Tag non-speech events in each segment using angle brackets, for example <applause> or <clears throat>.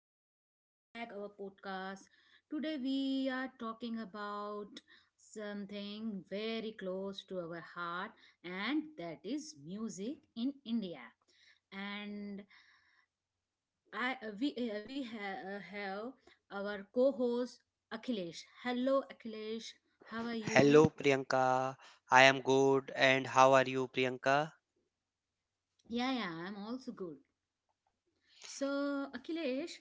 Welcome back our podcast. Today we are talking about something very close to our heart, and that is music in India. And I we ha- have our co-host Akhilesh. Hello Akhilesh, how are Hello you? Priyanka, I am good and how are you, Priyanka? Yeah, yeah, I'm also good. So, Akhilesh,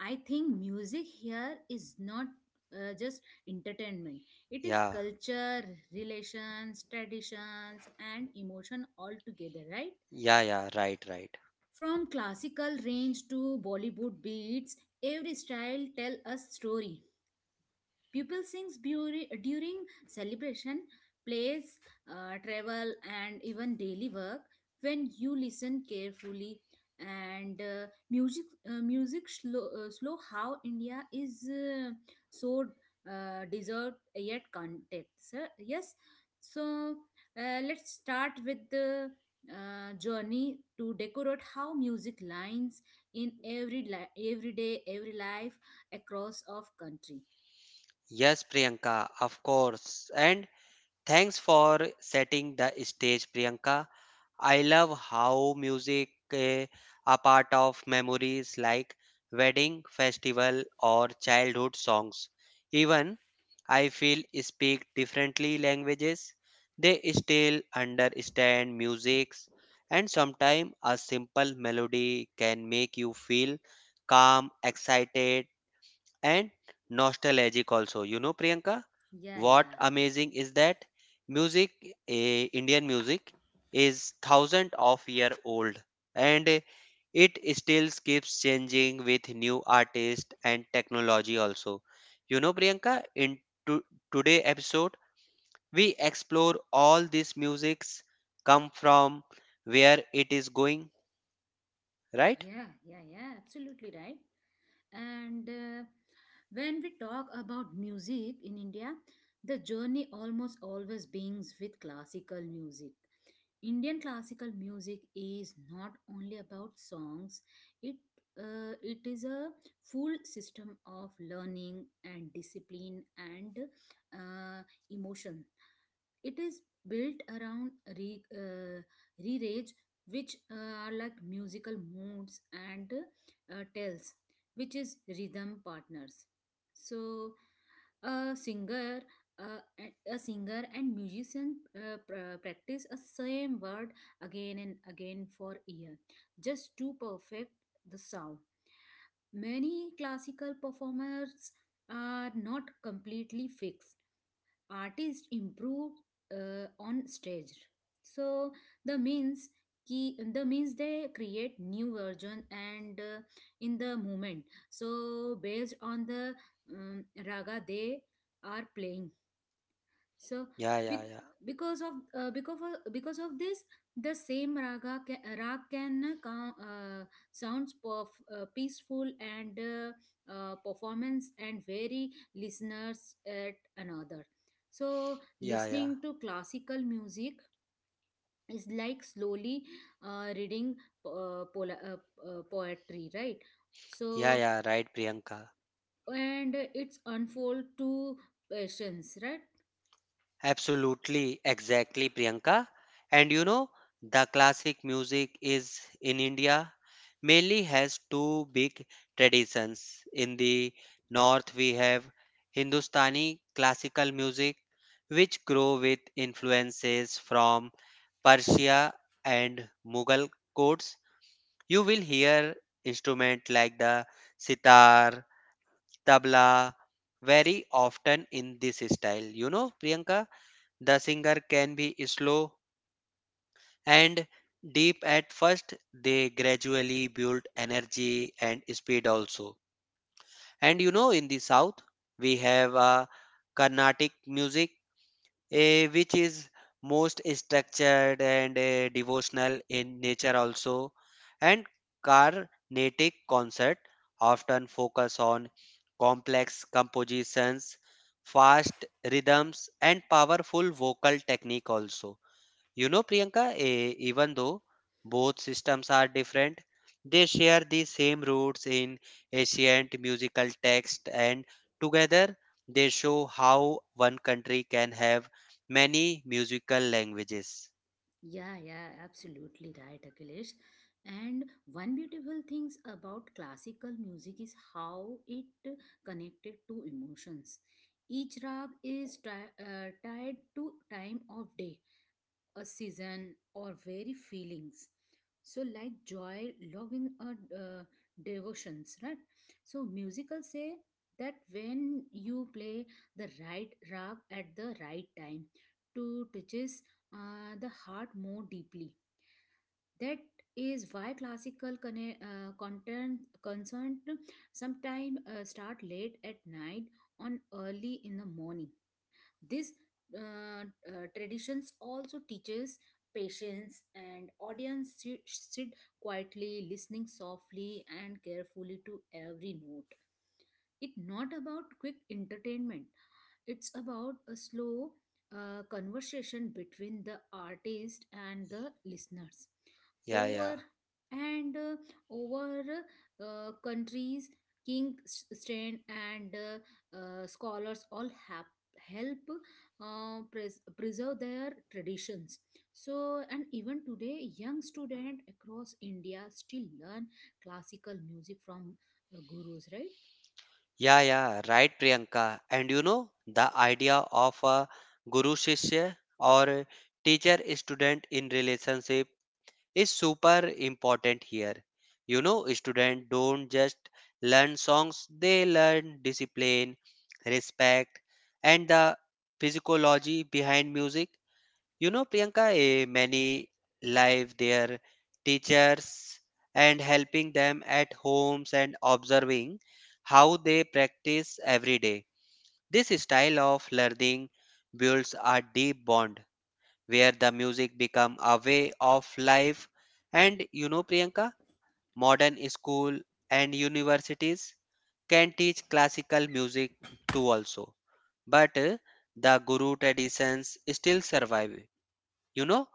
I think music here is not just entertainment. It is Yeah, culture, relations, traditions, and emotion all together, right? yeah, yeah, right, right. From classical range to Bollywood beats, every style tell a story. Pupil sings during celebration, plays, travel, and even daily work. When you listen carefully, and music, slow how India is so deserved yet context. Yes, so let's start with the journey to decorate how music lines in every day, every life across of country. Yes Priyanka, of course. And thanks for setting the stage, Priyanka. I love how music a part of memories like wedding, festival, or childhood songs. Even I feel speak differently languages, they still understand musics, and sometimes a simple melody can make you feel calm, excited, and nostalgic also, you know Priyanka. Yeah, What yeah, amazing is that music Indian music is thousand of year old, and it still keeps changing with new artists and technology also. You know Priyanka, in to- today episode we explore all these musics, come from, where it is going, right? yeah, absolutely right. And when we talk about music in India, the journey almost always begins with classical music. Indian classical music is not only about songs, it it is a full system of learning and discipline and uh, emotion. It is built around re, uh, re, which are like musical moods, and tells which is rhythm partners. So a singer, uh, a singer and musician, practice a same word again and again for year, just to perfect the sound. Many classical performers are not completely fixed, artists improve on stage. So the means, the means they create new version, and in the moment, so based on the raga they are playing. So Yeah, yeah, bec- yeah, because of this, the same rag can sounds peaceful and performance and vary listeners at another. So yeah, yeah, listening to classical music is like slowly reading pola poetry, right? yeah, So yeah, right Priyanka. and it's unfold to patience, right? Absolutely, exactly, Priyanka. And you know, the classic music is in India mainly has two big traditions. In the north, we have Hindustani classical music, which grow with influences from Persia and Mughal courts. You will hear instruments like the sitar, tabla, very often in this style. You know, Priyanka? The singer can be slow and deep at first, they gradually build energy and speed also. And you know, in the south, we have a Carnatic music, which is most structured and devotional in nature also. And Carnatic concert often focus on complex compositions, fast rhythms, and powerful vocal technique also. You know, Priyanka, even though both systems are different, they share the same roots in ancient musical text, and together they show how one country can have many musical languages. Yeah, yeah, absolutely right, Akhilesh. And one beautiful things about classical music is how it connected to emotions. Each rag is tied to time of day, a season, or very feelings, so like joy, loving, or devotions, right? So musical say that when you play the right rag at the right time, to touches the heart more deeply. That is why classical conne- content concerned sometime start late at night on early in the morning. This traditions also teaches patience, and audience sit quietly, listening softly and carefully to every note. It's not about quick entertainment, it's about a slow conversation between the artist and the listeners Yeah, yeah. over and over countries. King strain and scholars all have help preserve their traditions. So and even today young student across india still learn classical music from gurus, right? Yeah, yeah, right, Priyanka. And you know, the idea of a guru shishya or teacher student in relationship is super important here. You know, students don't just learn songs, they learn discipline, respect, and the physiology behind music. You know, Priyanka, many live their teachers and helping them at homes and observing how they practice every day. This style of learning builds a deep bond where the music become a way of life. And you know Priyanka, modern school and universities can teach classical music too also, but the guru traditions still survive, you know.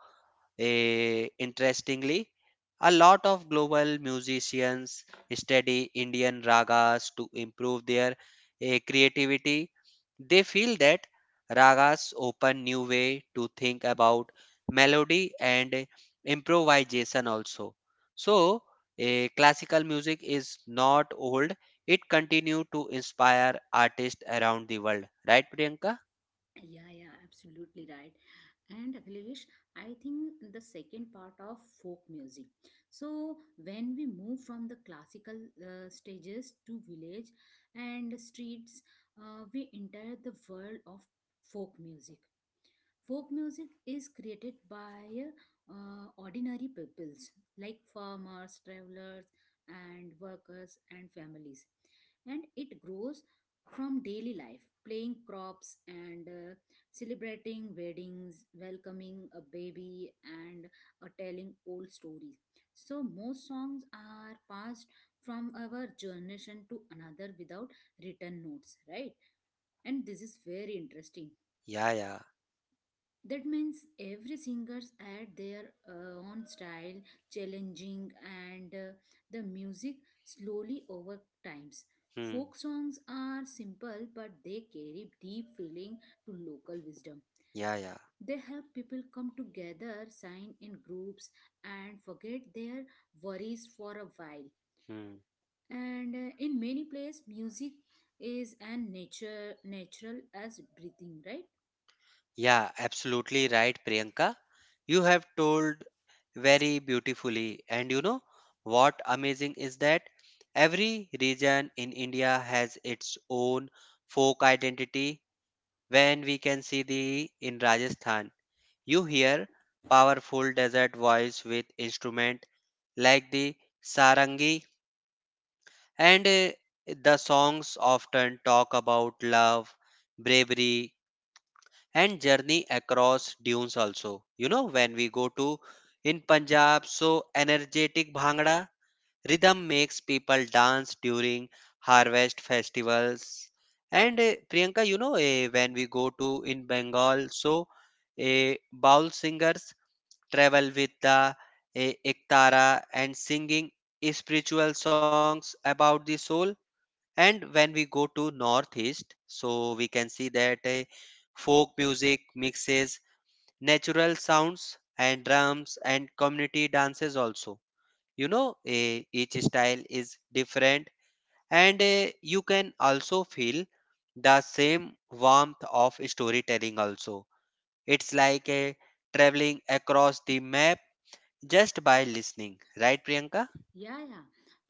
Interestingly, a lot of global musicians study Indian ragas to improve their creativity. They feel that ragas open new way to think about melody and improvisation also. So, classical music is not old. It continue to inspire artists around the world. Right, Priyanka? Yeah, yeah, absolutely right. And Akhilesh, I think the second part of folk music. So when we move from the classical stages to village and streets, we enter the world of folk music. Folk music is created by ordinary peoples like farmers, travelers, and workers and families, and it grows from daily life, playing crops and celebrating weddings, welcoming a baby, and telling old stories. So most songs are passed from our generation to another without written notes, right? And this is very interesting, Yeah, yeah. that means every singers add their own style, challenging and the music slowly over times. Hmm. Folk songs are simple, but they carry deep feeling to local wisdom. Yeah, yeah. They help people come together, sign in groups, and forget their worries for a while. Hmm. And in many places music is as nature natural as breathing, right? Yeah, absolutely right, Priyanka. You have told very beautifully. And you know what amazing is that every region in India has its own folk identity. When we can see the in Rajasthan, you hear powerful desert voice with instrument like the sarangi, and the songs often talk about love, bravery and journey across dunes also. You know, when we go to in Punjab, so energetic Bhangra rhythm makes people dance during harvest festivals. And Priyanka, you know, when we go to in Bengal, so bowl singers travel with the ektara and singing spiritual songs about the soul. And when we go to northeast, so we can see that folk music mixes natural sounds and drums and community dances also. You know, each style is different, and you can also feel the same warmth of storytelling also. It's like traveling across the map just by listening, right, Priyanka? Yeah, yeah.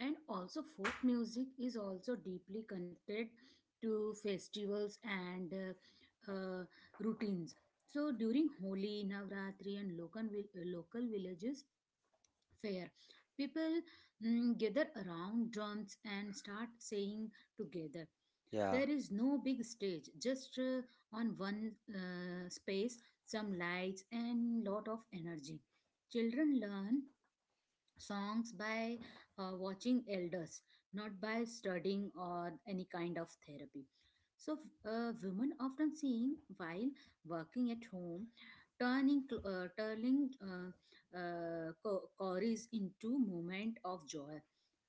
And also, folk music is also deeply connected to festivals and routines. So, during Holi, Navratri, and local, local villages fair, people gather around drums and start saying together. Yeah, There is no big stage, just on one space, some lights, and lot of energy. Children learn songs by watching elders, not by studying or any kind of therapy. So, women often sing while working at home, turning chorus into moment of joy.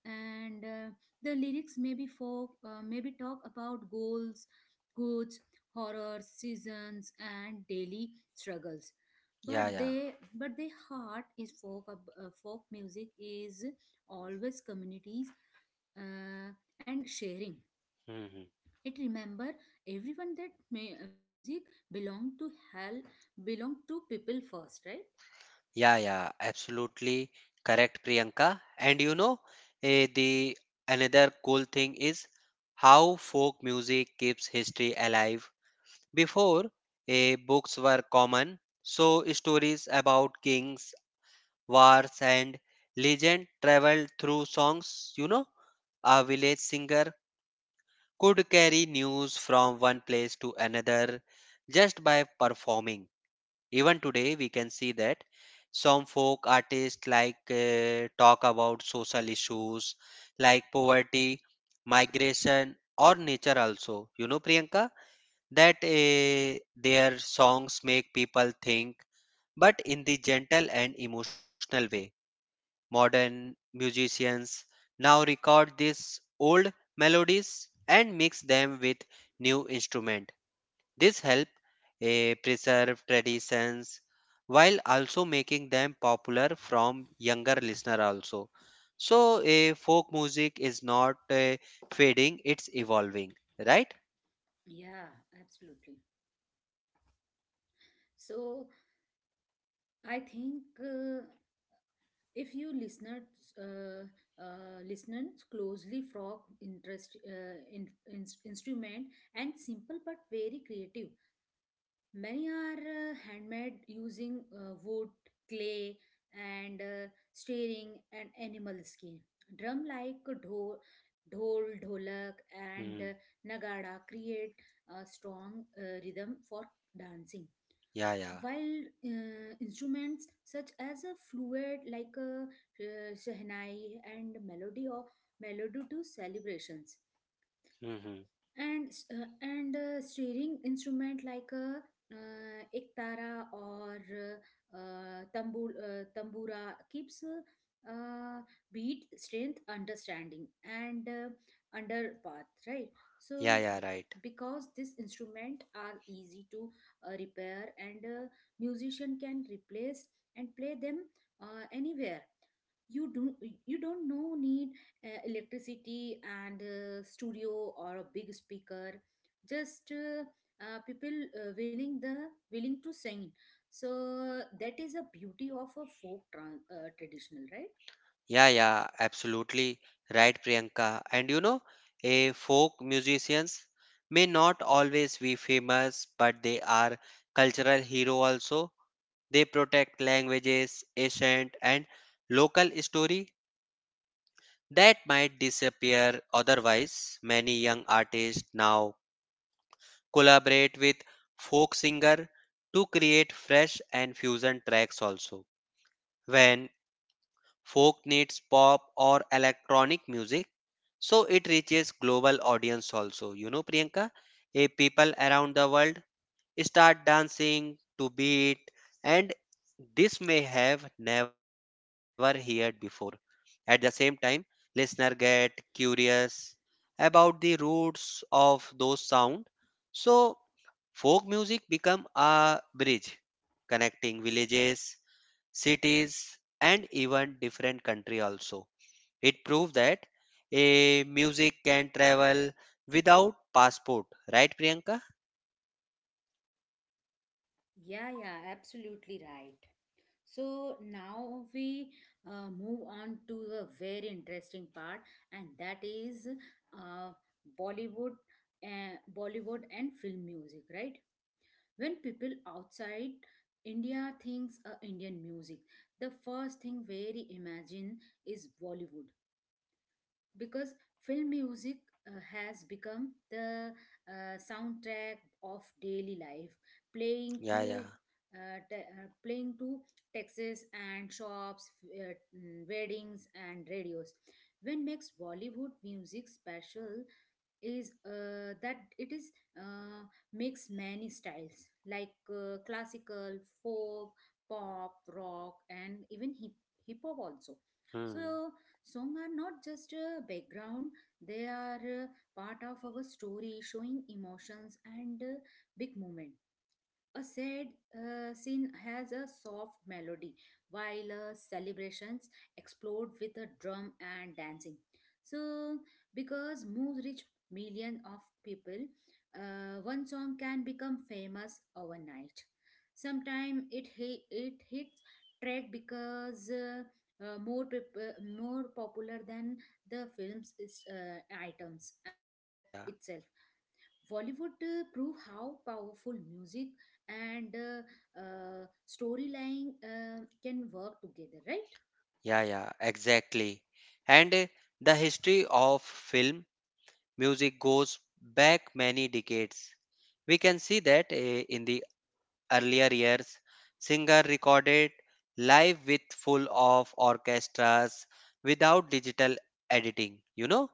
And the lyrics maybe maybe talk about goals, goods, horrors, seasons, and daily struggles, yeah, but yeah. they but their heart is folk music is always communities uh, and sharing. Mhm. It remember everyone that music belong to hell, belong to people first, right? Yeah, yeah, absolutely correct, Priyanka. And you know, the another cool thing is how folk music keeps history alive. Before, books were common, so stories about kings, wars, and legend traveled through songs. You know, a village singer could carry news from one place to another just by performing. Even today, we can see that some folk artists like talk about social issues like poverty, migration, or nature also. You know, Priyanka, that their songs make people think, but in the gentle and emotional way. Modern musicians now record these old melodies and mix them with new instrument. This help preserve traditions while also making them popular from younger listener also. So folk music is not fading; it's evolving, right? Yeah, absolutely. So I think if you listeners uh, listeners closely frog interest instrument and simple but very creative. Many are handmade using wood, clay, and stearing and animal skin. Drum like dhol, dholak, and Hmm. Nagada create a strong rhythm for dancing. Yeah, yeah. While instruments such as a fluid like a shehnai and melody or melody to celebrations, Hmm. Hmm. and stringing instrument like a ektara or tambura keeps beat strength understanding and under path, right? So Yeah, yeah, right. because this instrument are easy to repair, and musician can replace and play them anywhere. you don't you don't know need electricity and studio or a big speaker, just people willing to sing. So that is a beauty of a folk tran traditional, right? Yeah, yeah, absolutely right, Priyanka. And you know, a folk musicians may not always be famous, but they are cultural hero also. They protect languages, ancient and local story that might disappear otherwise. Many young artists now collaborate with folk singer to create fresh and fusion tracks also. When Folk needs pop or electronic music, so it reaches global audience also. You know, Priyanka, a people around the world start dancing to beat, and this may have never heard before. At the same time, listener get curious about the roots of those sound, so folk music become a bridge connecting villages, cities and even different country also. It proved that a music can travel without passport, right Priyanka? Yeah, yeah, absolutely right. So now we move on to a very interesting part, and that is uh, bollywood uh, bollywood and film music, right? When people outside india thinks indian music, the first thing very imagine is bollywood, because film music has become the soundtrack of daily life, playing Yeah, to yeah. Playing to taxis and shops, weddings and radios. When makes bollywood music special is that it is uh, makes many styles like classical, folk, pop, rock, and even hip hop also. Hmm. So song are not just a background, they are part of our story, showing emotions and big moment. A sad scene has a soft melody, while celebrations explode with a drum and dancing. So, because moves reach millions of people, one song can become famous overnight. Sometimes it it hits track because uh, more peop- more popular than the film's is, items and Yeah, yeah, itself. Bollywood prove how powerful music and storyline can work together, right? yeah, yeah, exactly. And the history of film music goes back many decades. We can see that in the earlier years, singer recorded live with full of orchestras without digital editing. You know,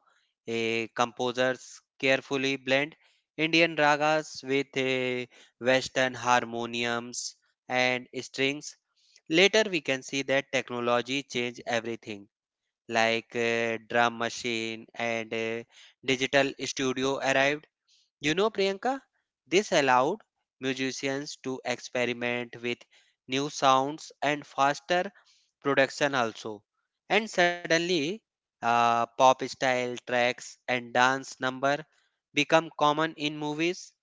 a composers carefully blend Indian ragas with a Western harmoniums and strings. Later, we can see that technology changed everything, like drum machine and digital studio arrived. You know, Priyanka, this allowed musicians to experiment with new sounds and faster production also. And suddenly, pop style tracks and dance number become common in movies.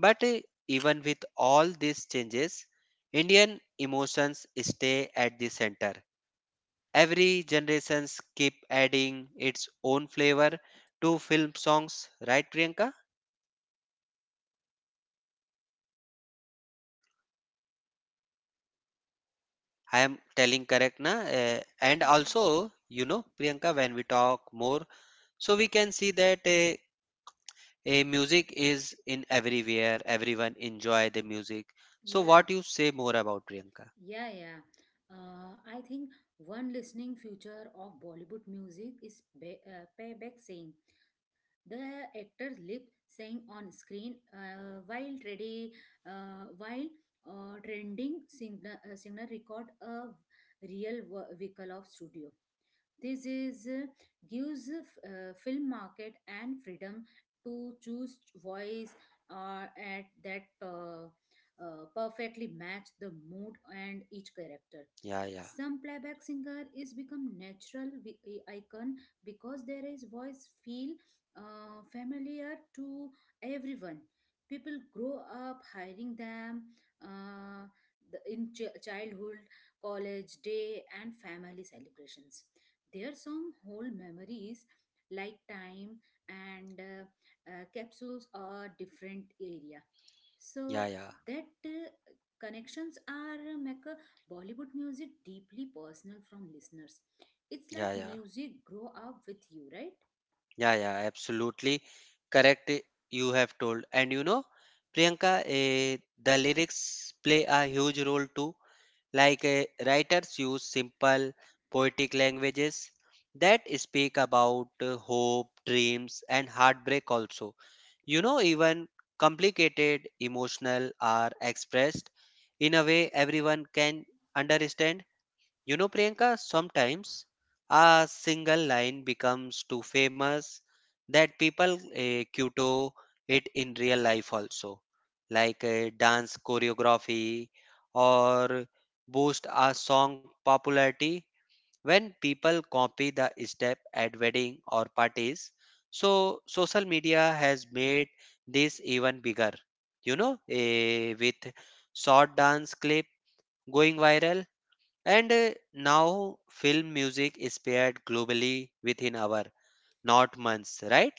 But even with all these changes, Indian emotions stay at the center. Every generations keep adding its own flavor to film songs, right, Priyanka? I am telling correct na? And also, you know, Priyanka, when we talk more, so we can see that a music is in everywhere. Everyone enjoy the music. So Yeah, what you say more about, Priyanka? yeah, yeah. I think one listening future of Bollywood music is payback singing. The actors lip sync on screen while trending singer record a real vehicle of studio. This is gives film market and freedom to choose voice at that perfectly match the mood and each character. Yeah, yeah, Some playback singer is become natural icon because their is voice feel familiar to everyone. People grow up hiring them uh, in childhood, college day, and family celebrations, their some whole memories like time and capsules are different area. yeah, So yeah, that connections are make Bollywood music deeply personal from listeners. It's yeah, like yeah, music grow up with you, right? yeah, yeah. Absolutely correct. You have told, and you know, Priyanka, the lyrics play a huge role too. Like writers use simple poetic languages that speak about hope, dreams, and heartbreak also. You know, even complicated emotional are expressed in a way everyone can understand. You know, Priyanka, sometimes a single line becomes too famous that people kuto it in real life also, like dance choreography or boost a song popularity when people copy the step at wedding or parties. So social media has made this even bigger. You know, with short dance clip going viral, and now film music is paired globally within hour, not months, right?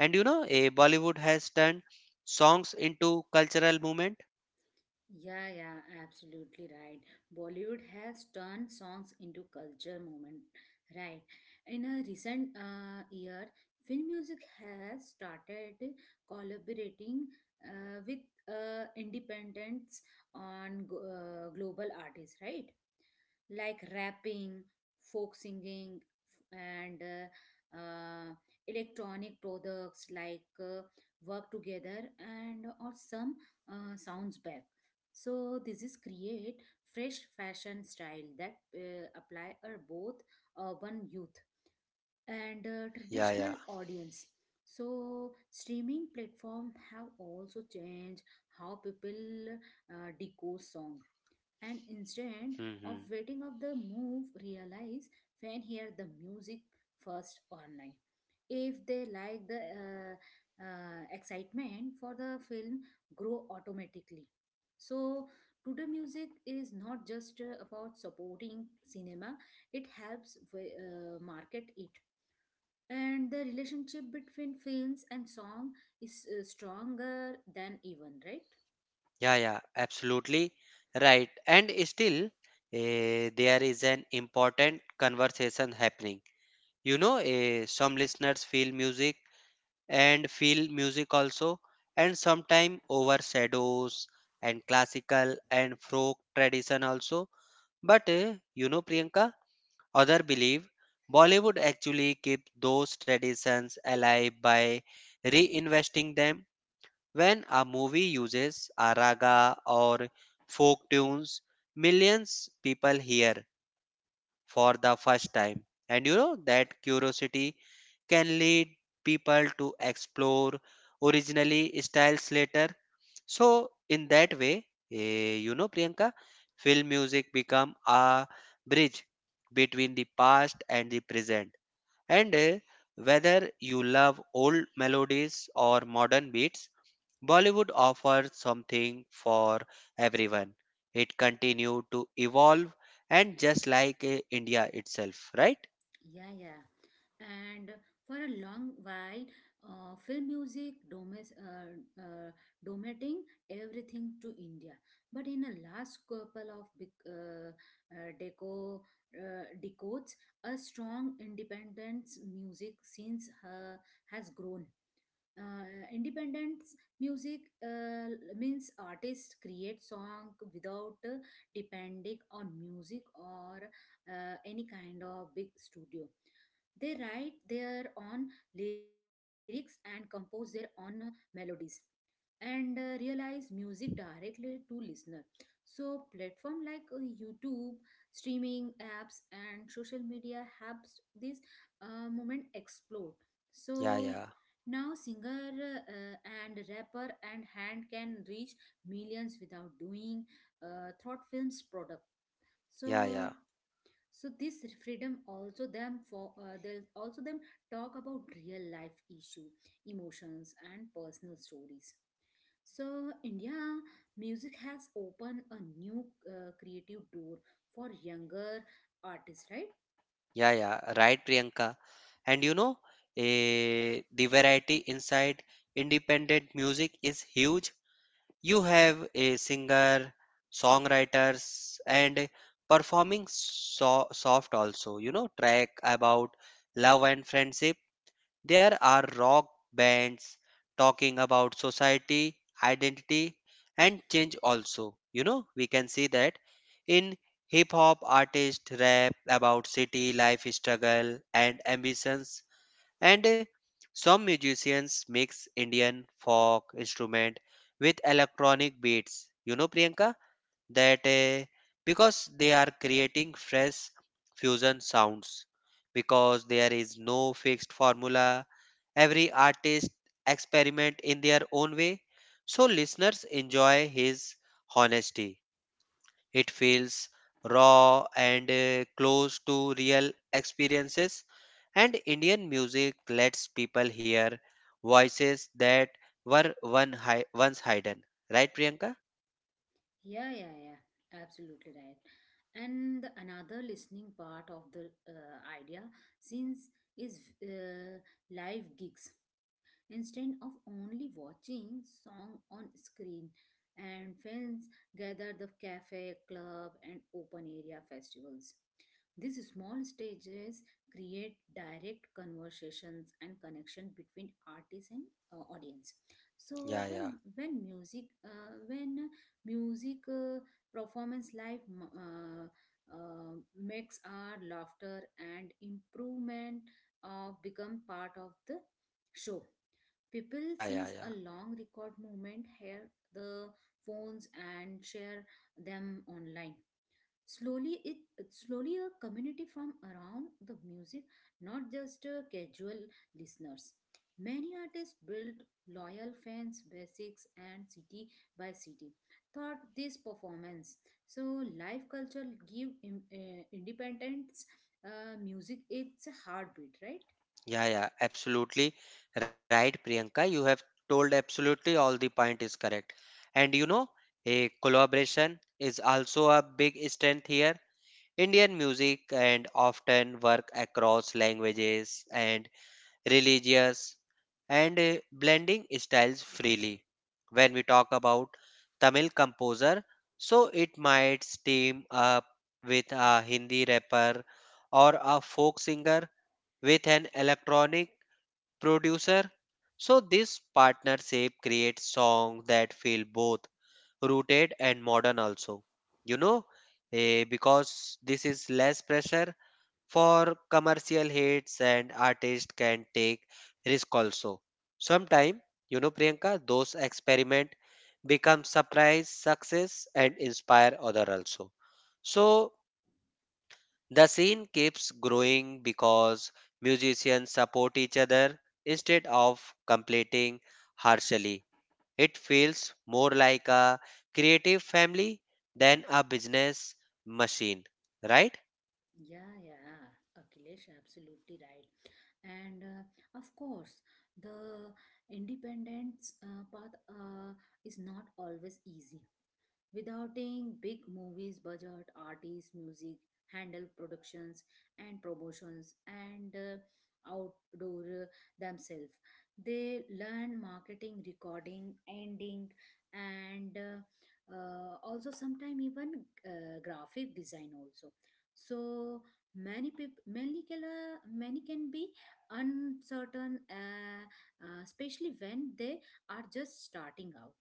And you know, Bollywood has turned songs into cultural movement. Yeah, yeah, absolutely right. Bollywood has turned songs into culture moment, right? In a recent year, film music has started collaborating with independents on global artists, right? Like rapping, folk singing, and electronic products like work together and or some sounds back. So this is create fresh fashion style that apply are both urban youth and Yeah, yeah. traditional audience. So streaming platform have also changed how people decode song, and instead of Hmm. waiting of the move realize, fan hear the music first online. If they like the excitement for the film grow automatically. So today music is not just about supporting cinema, it helps market it, and the relationship between films and song is stronger than even, right? Yeah, yeah, absolutely right. And still, there is an important conversation happening. You know, some listeners feel music and feel music also and sometime overshadows and classical and folk tradition also. But you know Priyanka, other believe Bollywood actually keep those traditions alive by reinvesting them. When a movie uses a raga or folk tunes, millions people hear for the first time. And you know that curiosity can lead people to explore originally styles later. So in that way, you know Priyanka, film music become a bridge between the past and the present. And whether you love old melodies or modern beats, Bollywood offered something for everyone. It continued to evolve and just like India itself, right? Yeah, yeah. And for a long while, uh, dominating everything to India. But in the last couple of big, uh, deco, decades, a strong independence music since has grown. Independence music means artists create song without depending on music or any kind of big studio. They write their own lyrics and compose their own melodies and realize music directly to listener. So platform like youtube, streaming apps and social media helps this moment explode. Yeah, So yeah, now singer and rapper and hand can reach millions without doing thought films product. yeah, So yeah, so this freedom also them for they'll also them talk about real life issue, emotions and personal stories. So, India, music has opened a new creative door for younger artists, right? yeah, yeah, right, Priyanka. And you know, the variety inside independent music is huge. You have a singer, songwriters, and performing soft also, you know, track about love and friendship. There are rock bands talking about society, identity, and change also. You know, we can see that in hip hop artists rap about city life struggle and ambitions, and some musicians mix Indian folk instrument with electronic beats. You know, Priyanka? That because they are creating fresh fusion sounds, because there is no fixed formula, every artist experiment in their own way. So listeners enjoy his honesty. It feels raw and close to real experiences. And Indian music lets people hear voices that were once hidden, right Priyanka? Yeah, yeah, yeah, absolutely right. And the another listening part of the idea since is live gigs. Instead of only watching song on screen and friends gather the cafe club and open area festivals, these small stages create direct conversations and connection between artist and audience. So Yeah, when yeah, when music uh, when music performance live uh, makes our laughter and improvement of become part of the show. People yeah, sings yeah, a yeah. long record movement, hear the phones and share them online. Slowly, it's slowly a community from around the music, not just casual listeners. Many artists built loyal fans, basics, and city by city. Thought this performance. So live culture give independence music its heartbeat, right? Yeah, yeah, absolutely right, Priyanka. You have told absolutely all the point is correct. And you know, a collaboration is also a big strength here. Indian music and often work across languages and religious and blending styles freely. When we talk about Tamil composer, so it might team up with a Hindi rapper or a folk singer with an electronic producer. So this partnership creates songs that feel both rooted and modern also. You know, because this is less pressure for commercial hits and artists can take risk also. Sometime, you know, Priyanka, those experiment become surprise success and inspire other also. So the scene keeps growing because musicians support each other instead of competing harshly. It feels more like a creative family than a business machine, right? Yeah, yeah, Akhilesh, absolutely right. And of course, the independence path is not always easy. Withouting big movies budget, artists, music, handle productions and promotions and outdoor themselves. They learn marketing, recording, ending, and also sometimes even graphic design also. So many people, many can be uncertain, especially when they are just starting out.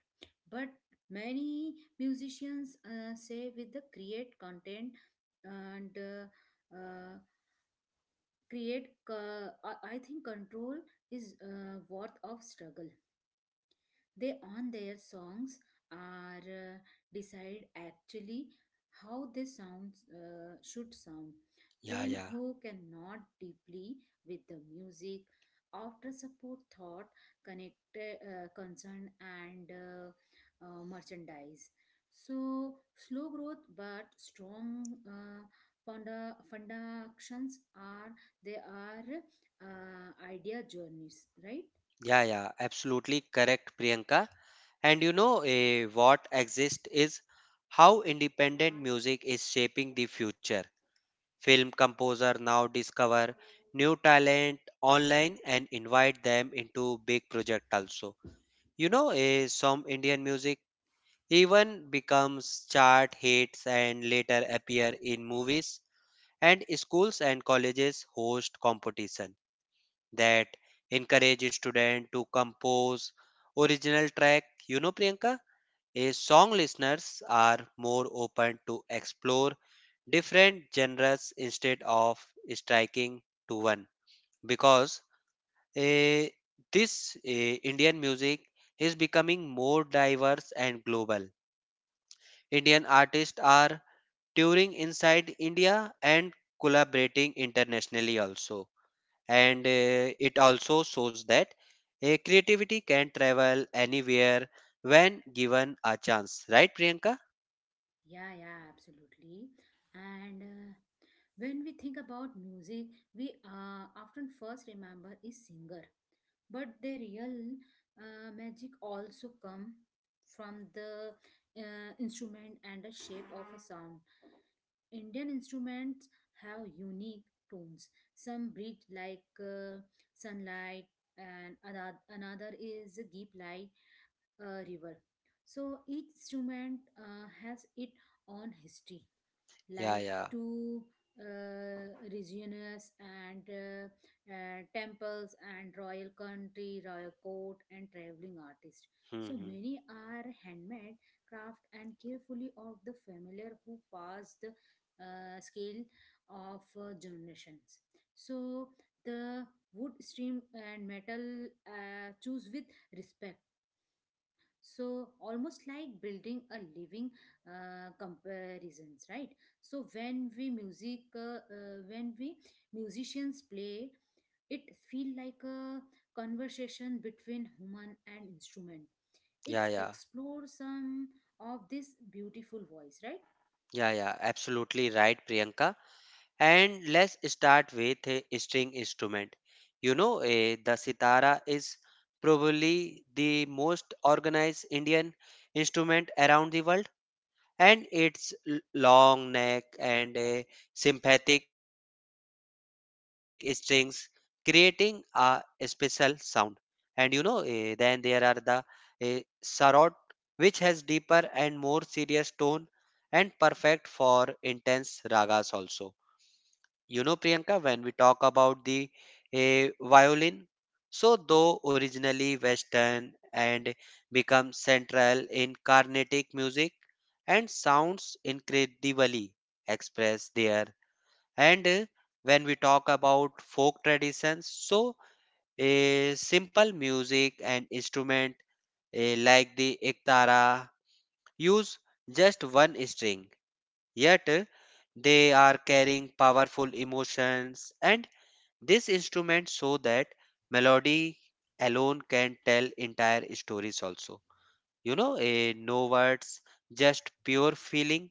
But many musicians say with the create content and I think control is worth of struggle. They on their songs are decide actually how they sounds should sound Yeah, when yeah, who cannot deeply with the music after support thought connected concern and merchandise. So slow growth but strong foundations are they are idea journeys, right? yeah, absolutely correct, Priyanka. And you know what exists is how independent music is shaping the future. Film composer now discover new talent online and invite them into big project also. You know, some Indian music even becomes chart hits and later appear in movies and schools and colleges host competition that encourage students to compose original track. You know, Priyanka? A song listeners are more open to explore different genres instead of striking to one because eh, this Indian music is becoming more diverse and global. Indian artists are touring inside India and collaborating internationally also. And it also shows that creativity can travel anywhere when given a chance. Right, Priyanka? Yeah, yeah, absolutely. And when we think about music, we often first remember is singer, but the real magic also come from the instrument and the shape of a sound. Indian instruments have unique tones. Some breathe like sunlight, and another is deep like a river. So each instrument has its own history Yeah, like yeah. two, regions and temples and royal court and traveling artists. So Mm-hmm. many are handmade craft and carefully of the familiar who pass the scale of generations. So the wood stream and metal choose with respect, so almost like building a living comparisons, right? So when we musicians play it feel like a conversation between human and instrument. Yeah, It's yeah, explore some of this beautiful voice, right? yeah, absolutely right, Priyanka. And let's start with a string instrument. You know, the sitara is probably the most organized Indian instrument around the world, and its long neck and sympathetic strings creating a special sound. And you know, then there are the eh, sarod, which has deeper and more serious tone and perfect for intense ragas also. You know, Priyanka, when we talk about the violin, so though originally Western and become central in Carnatic music and sounds incredibly express there. And when we talk about folk traditions, so a simple music and instrument like the ektara use just one string, yet they are carrying powerful emotions, and this instrument so that melody alone can tell entire stories also. You know, no words, just pure feeling.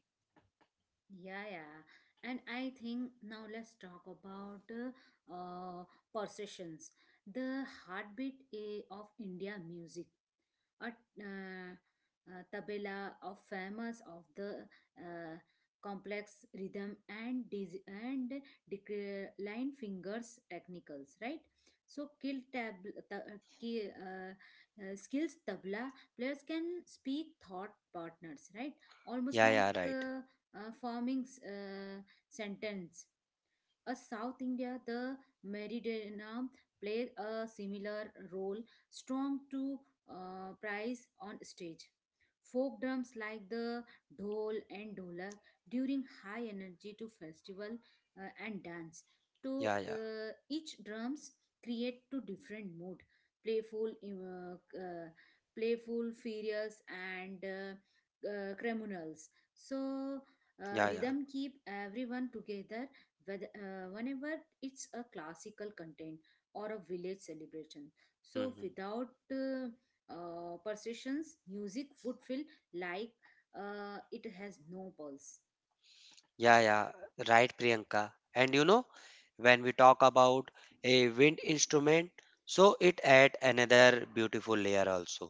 Yeah, yeah. And I think now let's talk about uh, perceptions, the heartbeat eh, of india music. Or uh, tabla of famous of the uh, complex rhythm and decline fingers technicals, right? So kill tab ta- ki- skills tabla players can speak thought partners, right? Almost Yeah, yeah, like right. uh, forming sentence. A South India, the meridana plays a similar role, strong to price on stage. Folk drums like the dhol and dolak during high energy to festival and dance. To Yeah, yeah, each drums create to different mood, playful, uh, uh, playful, furious, and criminals. So yeah, yeah. rhythm keep everyone together, whenever it's a classical content or a village celebration. So Hmm. without perceptions, music would feel like it has no pulse. Yeah, yeah, right, Priyanka. And you know, when we talk about a wind instrument, so it add another beautiful layer also.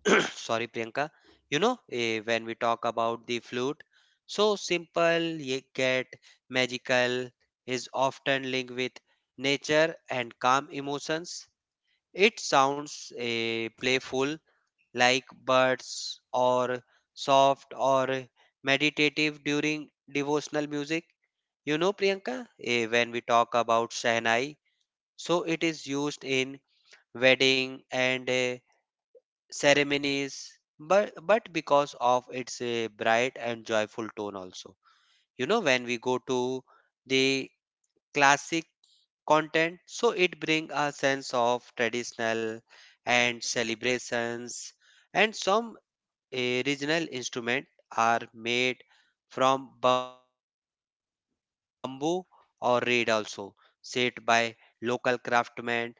<clears throat> Sorry, Priyanka. You know, when we talk about the flute, so simple yet magical is often linked with nature and calm emotions. It sounds playful like birds or soft or meditative during devotional music. You know, Priyanka, when we talk about Shehnai, so it is used in wedding and ceremonies, but because of its bright and joyful tone also. You know, when we go to the classic content, so it brings a sense of traditional and celebrations and some a regional instrument are made from bamboo or reed also, set by local craftsmen and they remember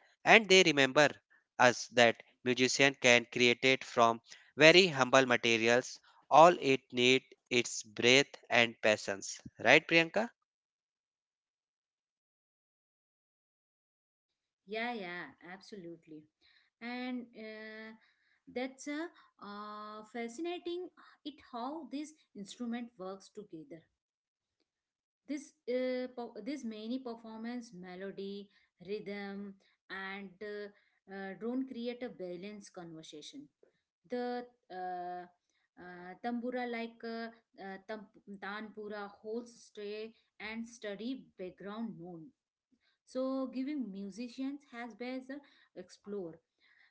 us that musician can create it from very humble materials. All it need its breath and patience. Right, Priyanka? Yeah, yeah, absolutely. And that's a fascinating it how this instrument works together. This this many performance, melody, rhythm, and drone create a balanced conversation. The uh, tambura like uh, tam- tanpura holds stay and study background note. So giving musicians has best explore.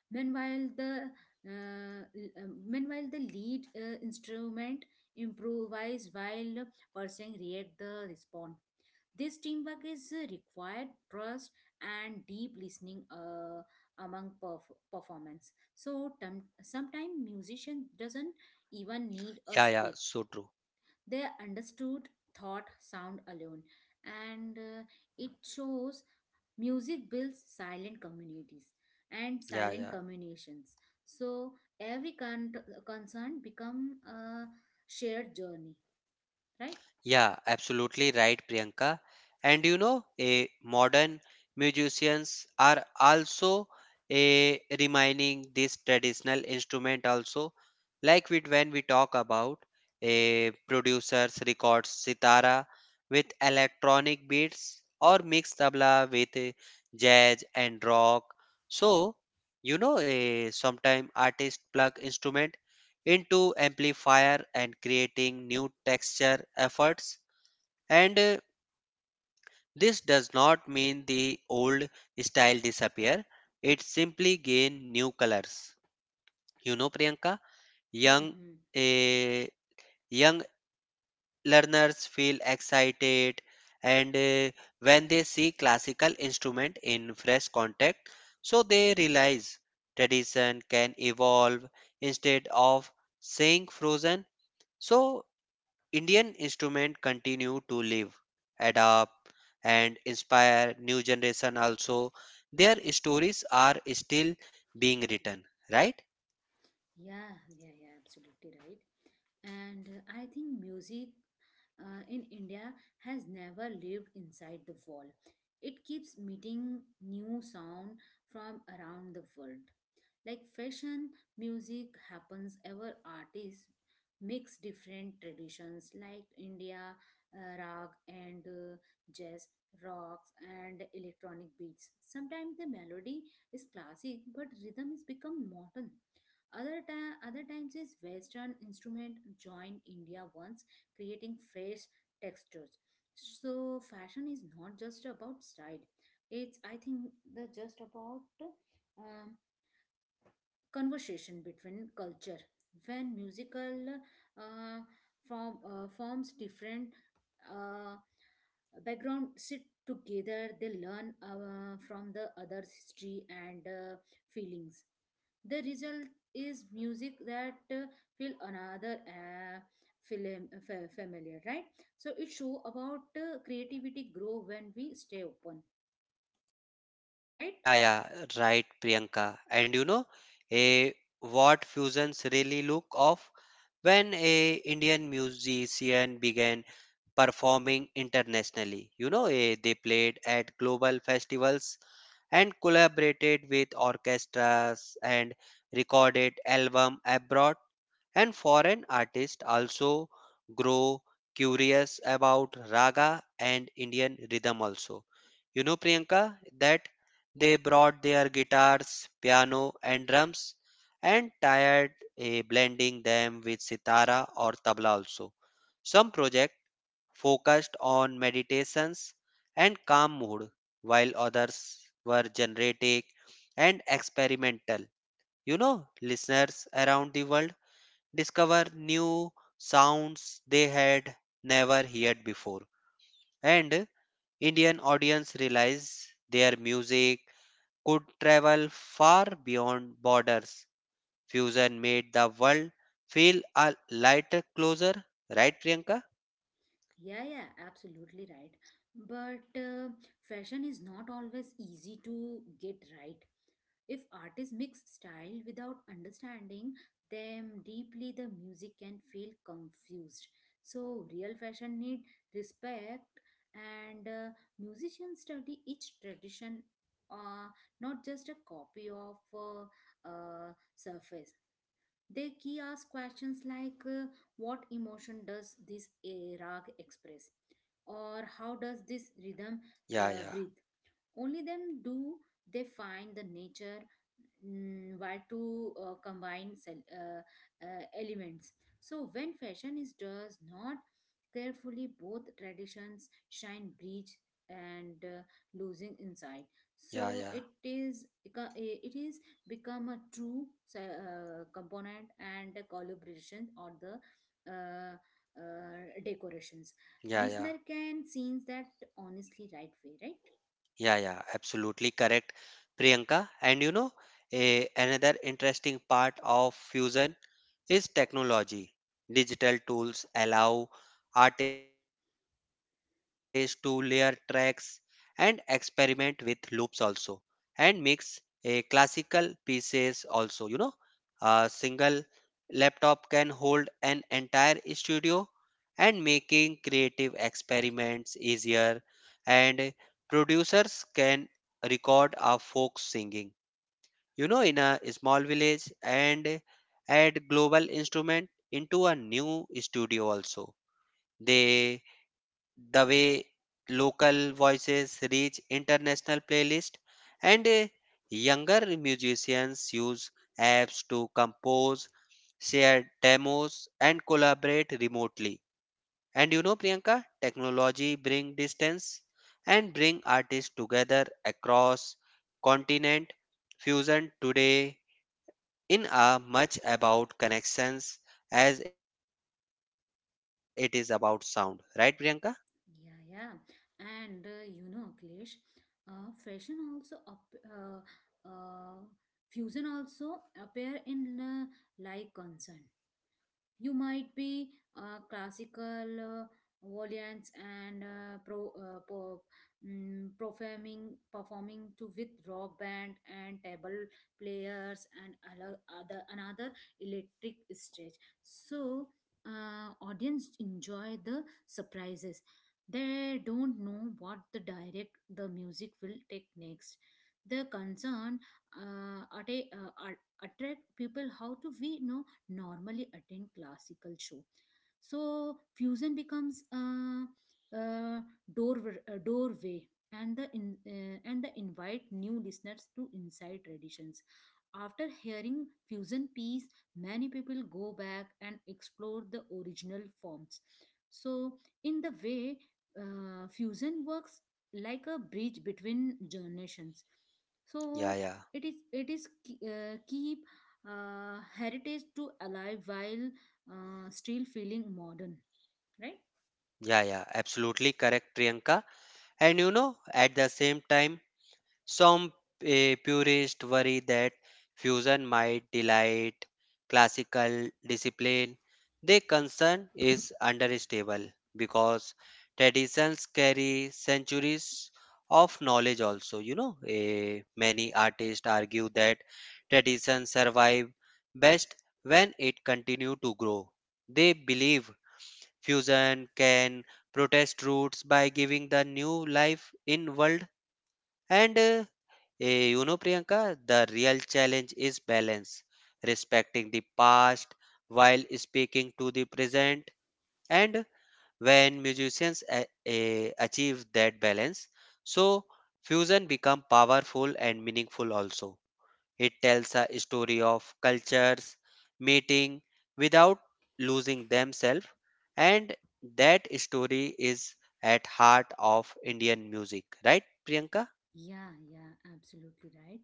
Meanwhile, the meanwhile the lead instrument improvise while person react the respond. This teamwork is required trust and deep listening among performance. So sometimes musician Yeah, yeah, doesn't so true. even need a speak. They understood thought sound alone, and it shows music builds silent communities and Yeah, yeah. silent communications. So every con- concern become a shared journey, right? Yeah, absolutely right, Priyanka. And you know, a modern musicians are also a reminding this traditional instrument also. Like with when we talk about a producers records sitara with electronic beats or mix tabla with jazz and rock. So you know, a sometime artist plug instrument into amplifier and creating new texture efforts and this does not mean the old style disappear. It simply gain new colors, you know, Priyanka. Hmm, young hmm. eh, Young learners feel excited and when they see classical instrument in fresh context, so they realize tradition can evolve instead of saying frozen. So Indian instruments continue to live, adapt, and inspire new generation also. Their stories are still being written, right? Yeah, yeah, yeah, absolutely right. And I think music in India has never lived inside the wall. It keeps meeting new sound from around the world like fashion. Music happens ever artists mix different traditions like india rag and jazz, rocks and electronic beats. Sometimes the melody is classic but rhythm is become modern. Other times is western instrument join india once, creating fresh textures. So fashion is not just about style, it's I think the just about um, conversation between culture. When musical uh, forms different uh, background sit together, they learn from the other's history and feelings. The result is music that feel another familiar, right? So it show about creativity grow when we stay open, right? Yeah, yeah, right, Priyanka. And you know, a what fusions really look of when a Indian musician began performing internationally. You know, they played at global festivals and collaborated with orchestras and recorded album abroad, and foreign artists also grow curious about raga and indian rhythm also. You know, Priyanka, that they brought their guitars, piano, and drums and tired blending them with sitara or tabla also. Some projects focused on meditations and calm mood, while others were generative and experimental. You know, listeners around the world discover new sounds they had never heard before, and Indian audience realize their music could travel far beyond borders. Fusion made the world feel a lighter, closer, right, Priyanka? Yeah, yeah, absolutely right. But fashion is not always easy to get right. If artists mix style without understanding them deeply, the music can feel confused. So, real fashion need respect, and musicians study each tradition, uh, not just a copy of surface. They key ask questions like what emotion does this eh, rag express? Or how does this rhythm Yeah, yeah, breathe? Only then do they find the nature mm, where to combine elements. So when fashion is does not carefully, both traditions shine breach and losing inside. yeah, So yeah, it is become a true component and a collaboration or the uh, decorations. yeah, yeah. Listener can sense that honestly right way, right? Yeah, absolutely correct, Priyanka. And you know, a, another interesting part of fusion is technology. Digital tools allow artists to layer tracks and experiment with loops also, and mix a classical pieces also. You know, a single laptop can hold an entire studio and making creative experiments easier, and producers can record a folk singing, you know, in a small village and add global instrument into a new studio also. They the way local voices reach international playlists, and younger musicians use apps to compose, share demos, and collaborate remotely. And you know, Priyanka, technology bring distance and bring artists together across continent. Fusion today in a much about connections as it is about sound, right, Priyanka? Yeah, yeah. And you know, Klesh, uh, fashion also up, uh, uh, fusion also appear in like concern. You might be classical violins and pro, po, mm, performing performing to with rock band and table players and other another electric stage. So audience enjoy the surprises. They don't know what the direct the music will take next. The concern uh, atta- uh, attract people how to we know normally attend classical show. So fusion becomes a door, a doorway, and the in, and the invite new listeners to inside traditions. After hearing fusion piece, many people go back and explore the original forms. So in the way fusion works like a bridge between generations. yeah So yeah it is keep heritage to alive while still feeling modern, right? yeah yeah absolutely correct, Priyanka. And you know, at the same time some purists worry that fusion might delight classical discipline. Their concern is understandable because traditions carry centuries of knowledge also. You know, many artists argue that traditions survive best when it continue to grow. They believe fusion can protest roots by giving the new life in world and you know, Priyanka, the real challenge is balance, respecting the past while speaking to the present. And when musicians achieve that balance, so fusion become powerful and meaningful also. It tells a story of cultures meeting without losing themselves, and that story is at heart of Indian music, right, Priyanka? Yeah, yeah, absolutely right.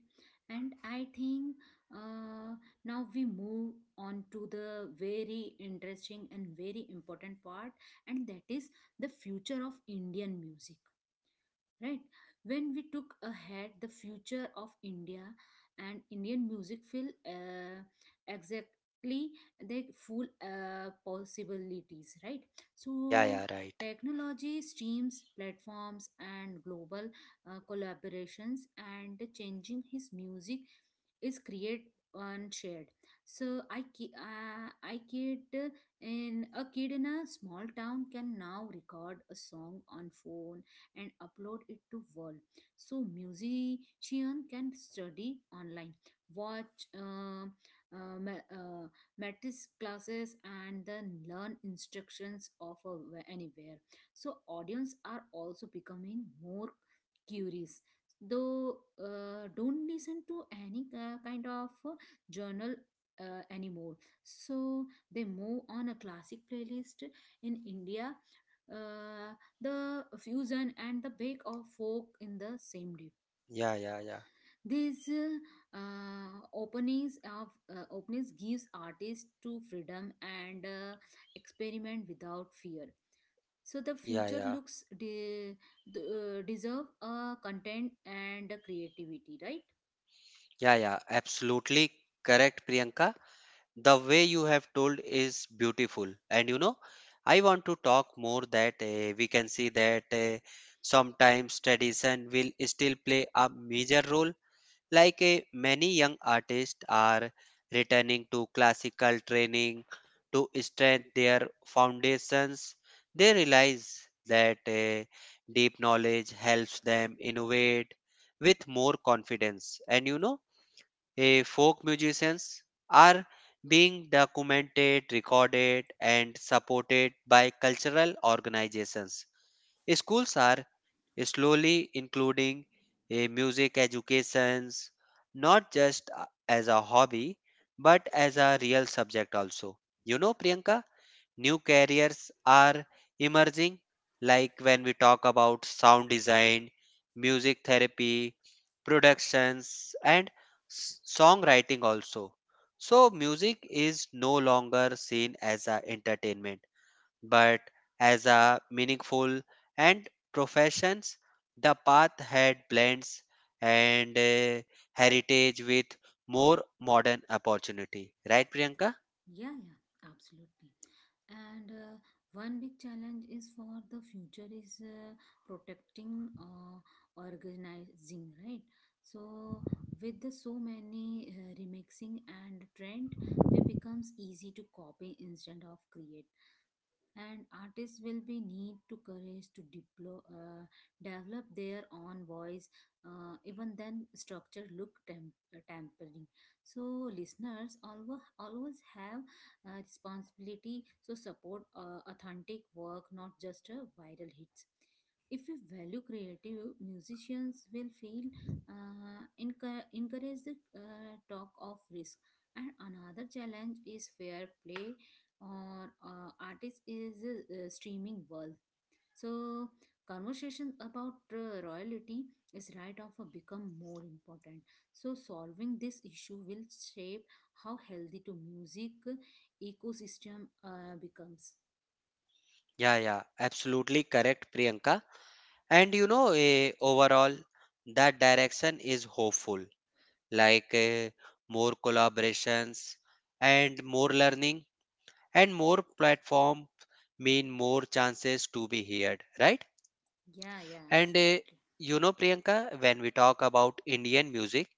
And I think uh, now we move on to the very interesting and very important part, and that is the future of Indian music, right? When we took ahead the future of india and indian music feel uh, exactly the full possibilities, right? Yeah, So yeah, right. technology streams platforms and global collaborations and the changing his music is create and shared. So I ki- I kid in a small town can now record a song on phone and upload it to world. So musician can study online, watch uh, ma- uh, matrix classes and then learn instructions of anywhere. So audience are also becoming more curious though don't listen to any kind of journal anymore. So they move on a classic playlist in india, uh, the fusion and the bake of folk in the same day. Yeah, yeah. Yeah, These openings gives artists to freedom and experiment without fear. So the Yeah, future yeah, looks deserve a content and a creativity, right? yeah, absolutely correct, Priyanka. The way you have told is beautiful, and you know, I want to talk more that we can see that sometimes tradition will still play a major role. Like many young artists are returning to classical training to strengthen their foundations, they realize that deep knowledge helps them innovate with more confidence. And you know, folk musicians are being documented, recorded, and supported by cultural organizations. Schools are slowly including a music educations, not just as a hobby but as a real subject also. You know, Priyanka, new careers are emerging, like when we talk about sound design, music therapy, productions, and songwriting also. So, music is no longer seen as a entertainment but as a meaningful and professions, the path had blends and heritage with more modern opportunity, right, Priyanka? Yeah, yeah, absolutely. And one big challenge is for the future is protecting organizing, right? So with the so many remixing and trend, it becomes easy to copy instead of creating. And artists will be need to courage to develop their own voice even then structure look tampering. So listeners always have a responsibility so support authentic work, not just viral hits. If we value creative, musicians will feel encourage the talk of risk. And another challenge is fair play or artist is streaming world. So conversations about royalty is right off become more important. So solving this issue will shape how healthy to music ecosystem becomes. Yeah, yeah, absolutely correct, Priyanka. And you know, overall that direction is hopeful, like more collaborations and more learning and more platform mean more chances to be heard, right? Yeah, yeah, And absolutely. you know, Priyanka, when we talk about Indian music,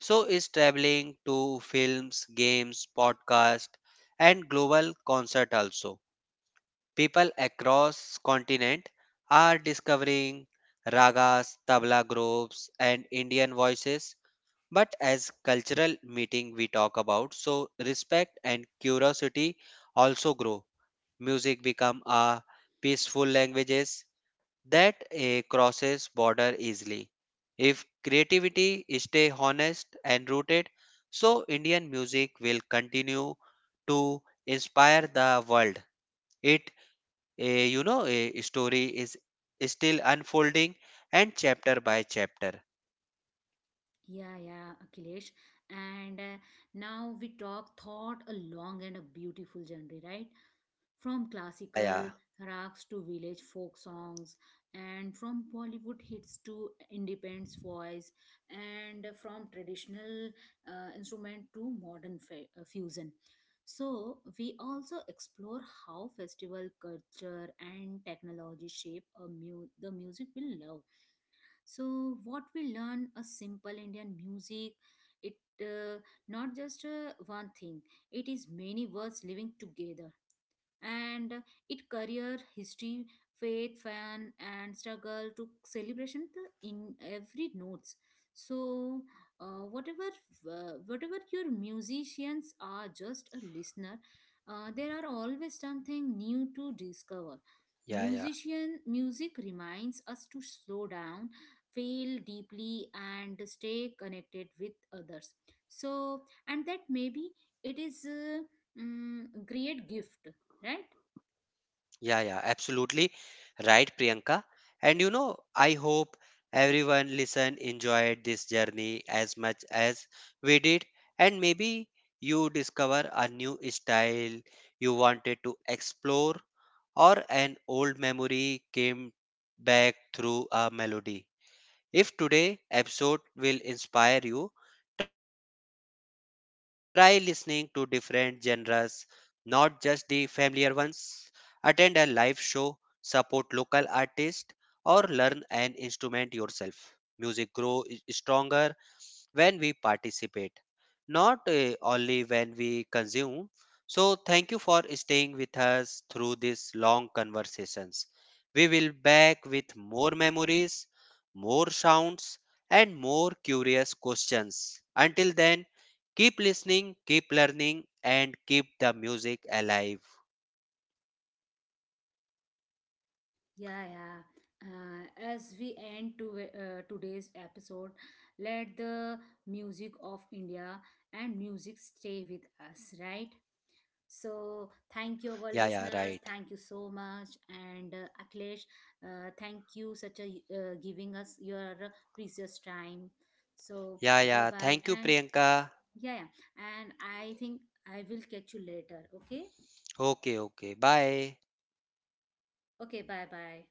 so is traveling to films, games, podcast, and global concert also. People across continent are discovering ragas, tabla groups, and Indian voices. But as cultural meeting we talk about, so respect and curiosity also grow. Music become a peaceful languages that crosses border easily. If creativity stay honest and rooted, so indian music will continue to inspire the world. it you know, a story is still unfolding, and chapter by chapter. Yeah, yeah, Akhilesh. And now we talk thought a long and a beautiful journey, right? From yeah classical yeah rocks to village folk songs, and from Bollywood hits to independent voice, and from traditional instrument to modern fusion. So, we also explore how festival culture and technology shape the music we love. So, what we learn a simple Indian music, it uh, not just one thing, it is many words living together. And it career history, faith fan and struggle to celebration the, in every notes. So uh, whatever whatever your musicians are just a listener, there are always something new to discover. yeah yeah Musician music reminds us to slow down, feel deeply and stay connected with others. So and that maybe it is a mm, great gift, right? yeah, absolutely right, Priyanka. And you know, I hope everyone listen enjoyed this journey as much as we did, and maybe you discover a new style you wanted to explore, or an old memory came back through a melody. If today episode will inspire you, try listening to different genres, not just the familiar ones. Attend a live show, support local artists, or learn an instrument yourself. Music grows stronger when we participate, not only when we consume. So, thank you for staying with us through these long conversations. We will back with more memories, more sounds, and more curious questions. Until then, keep listening, keep learning, and keep the music alive. Yeah, yeah. Uh, as we end to, today's episode, let the music of India and music stay with us, right? So, thank Yeah, you, yeah, our right. listeners. Thank you so much. And Akhilesh, thank you such a giving us your precious time. So, Yeah, bye yeah. bye. Thank you, And Priyanka. yeah, yeah. And I think I will catch you later. Okay. Okay, okay. Bye. OK，拜拜。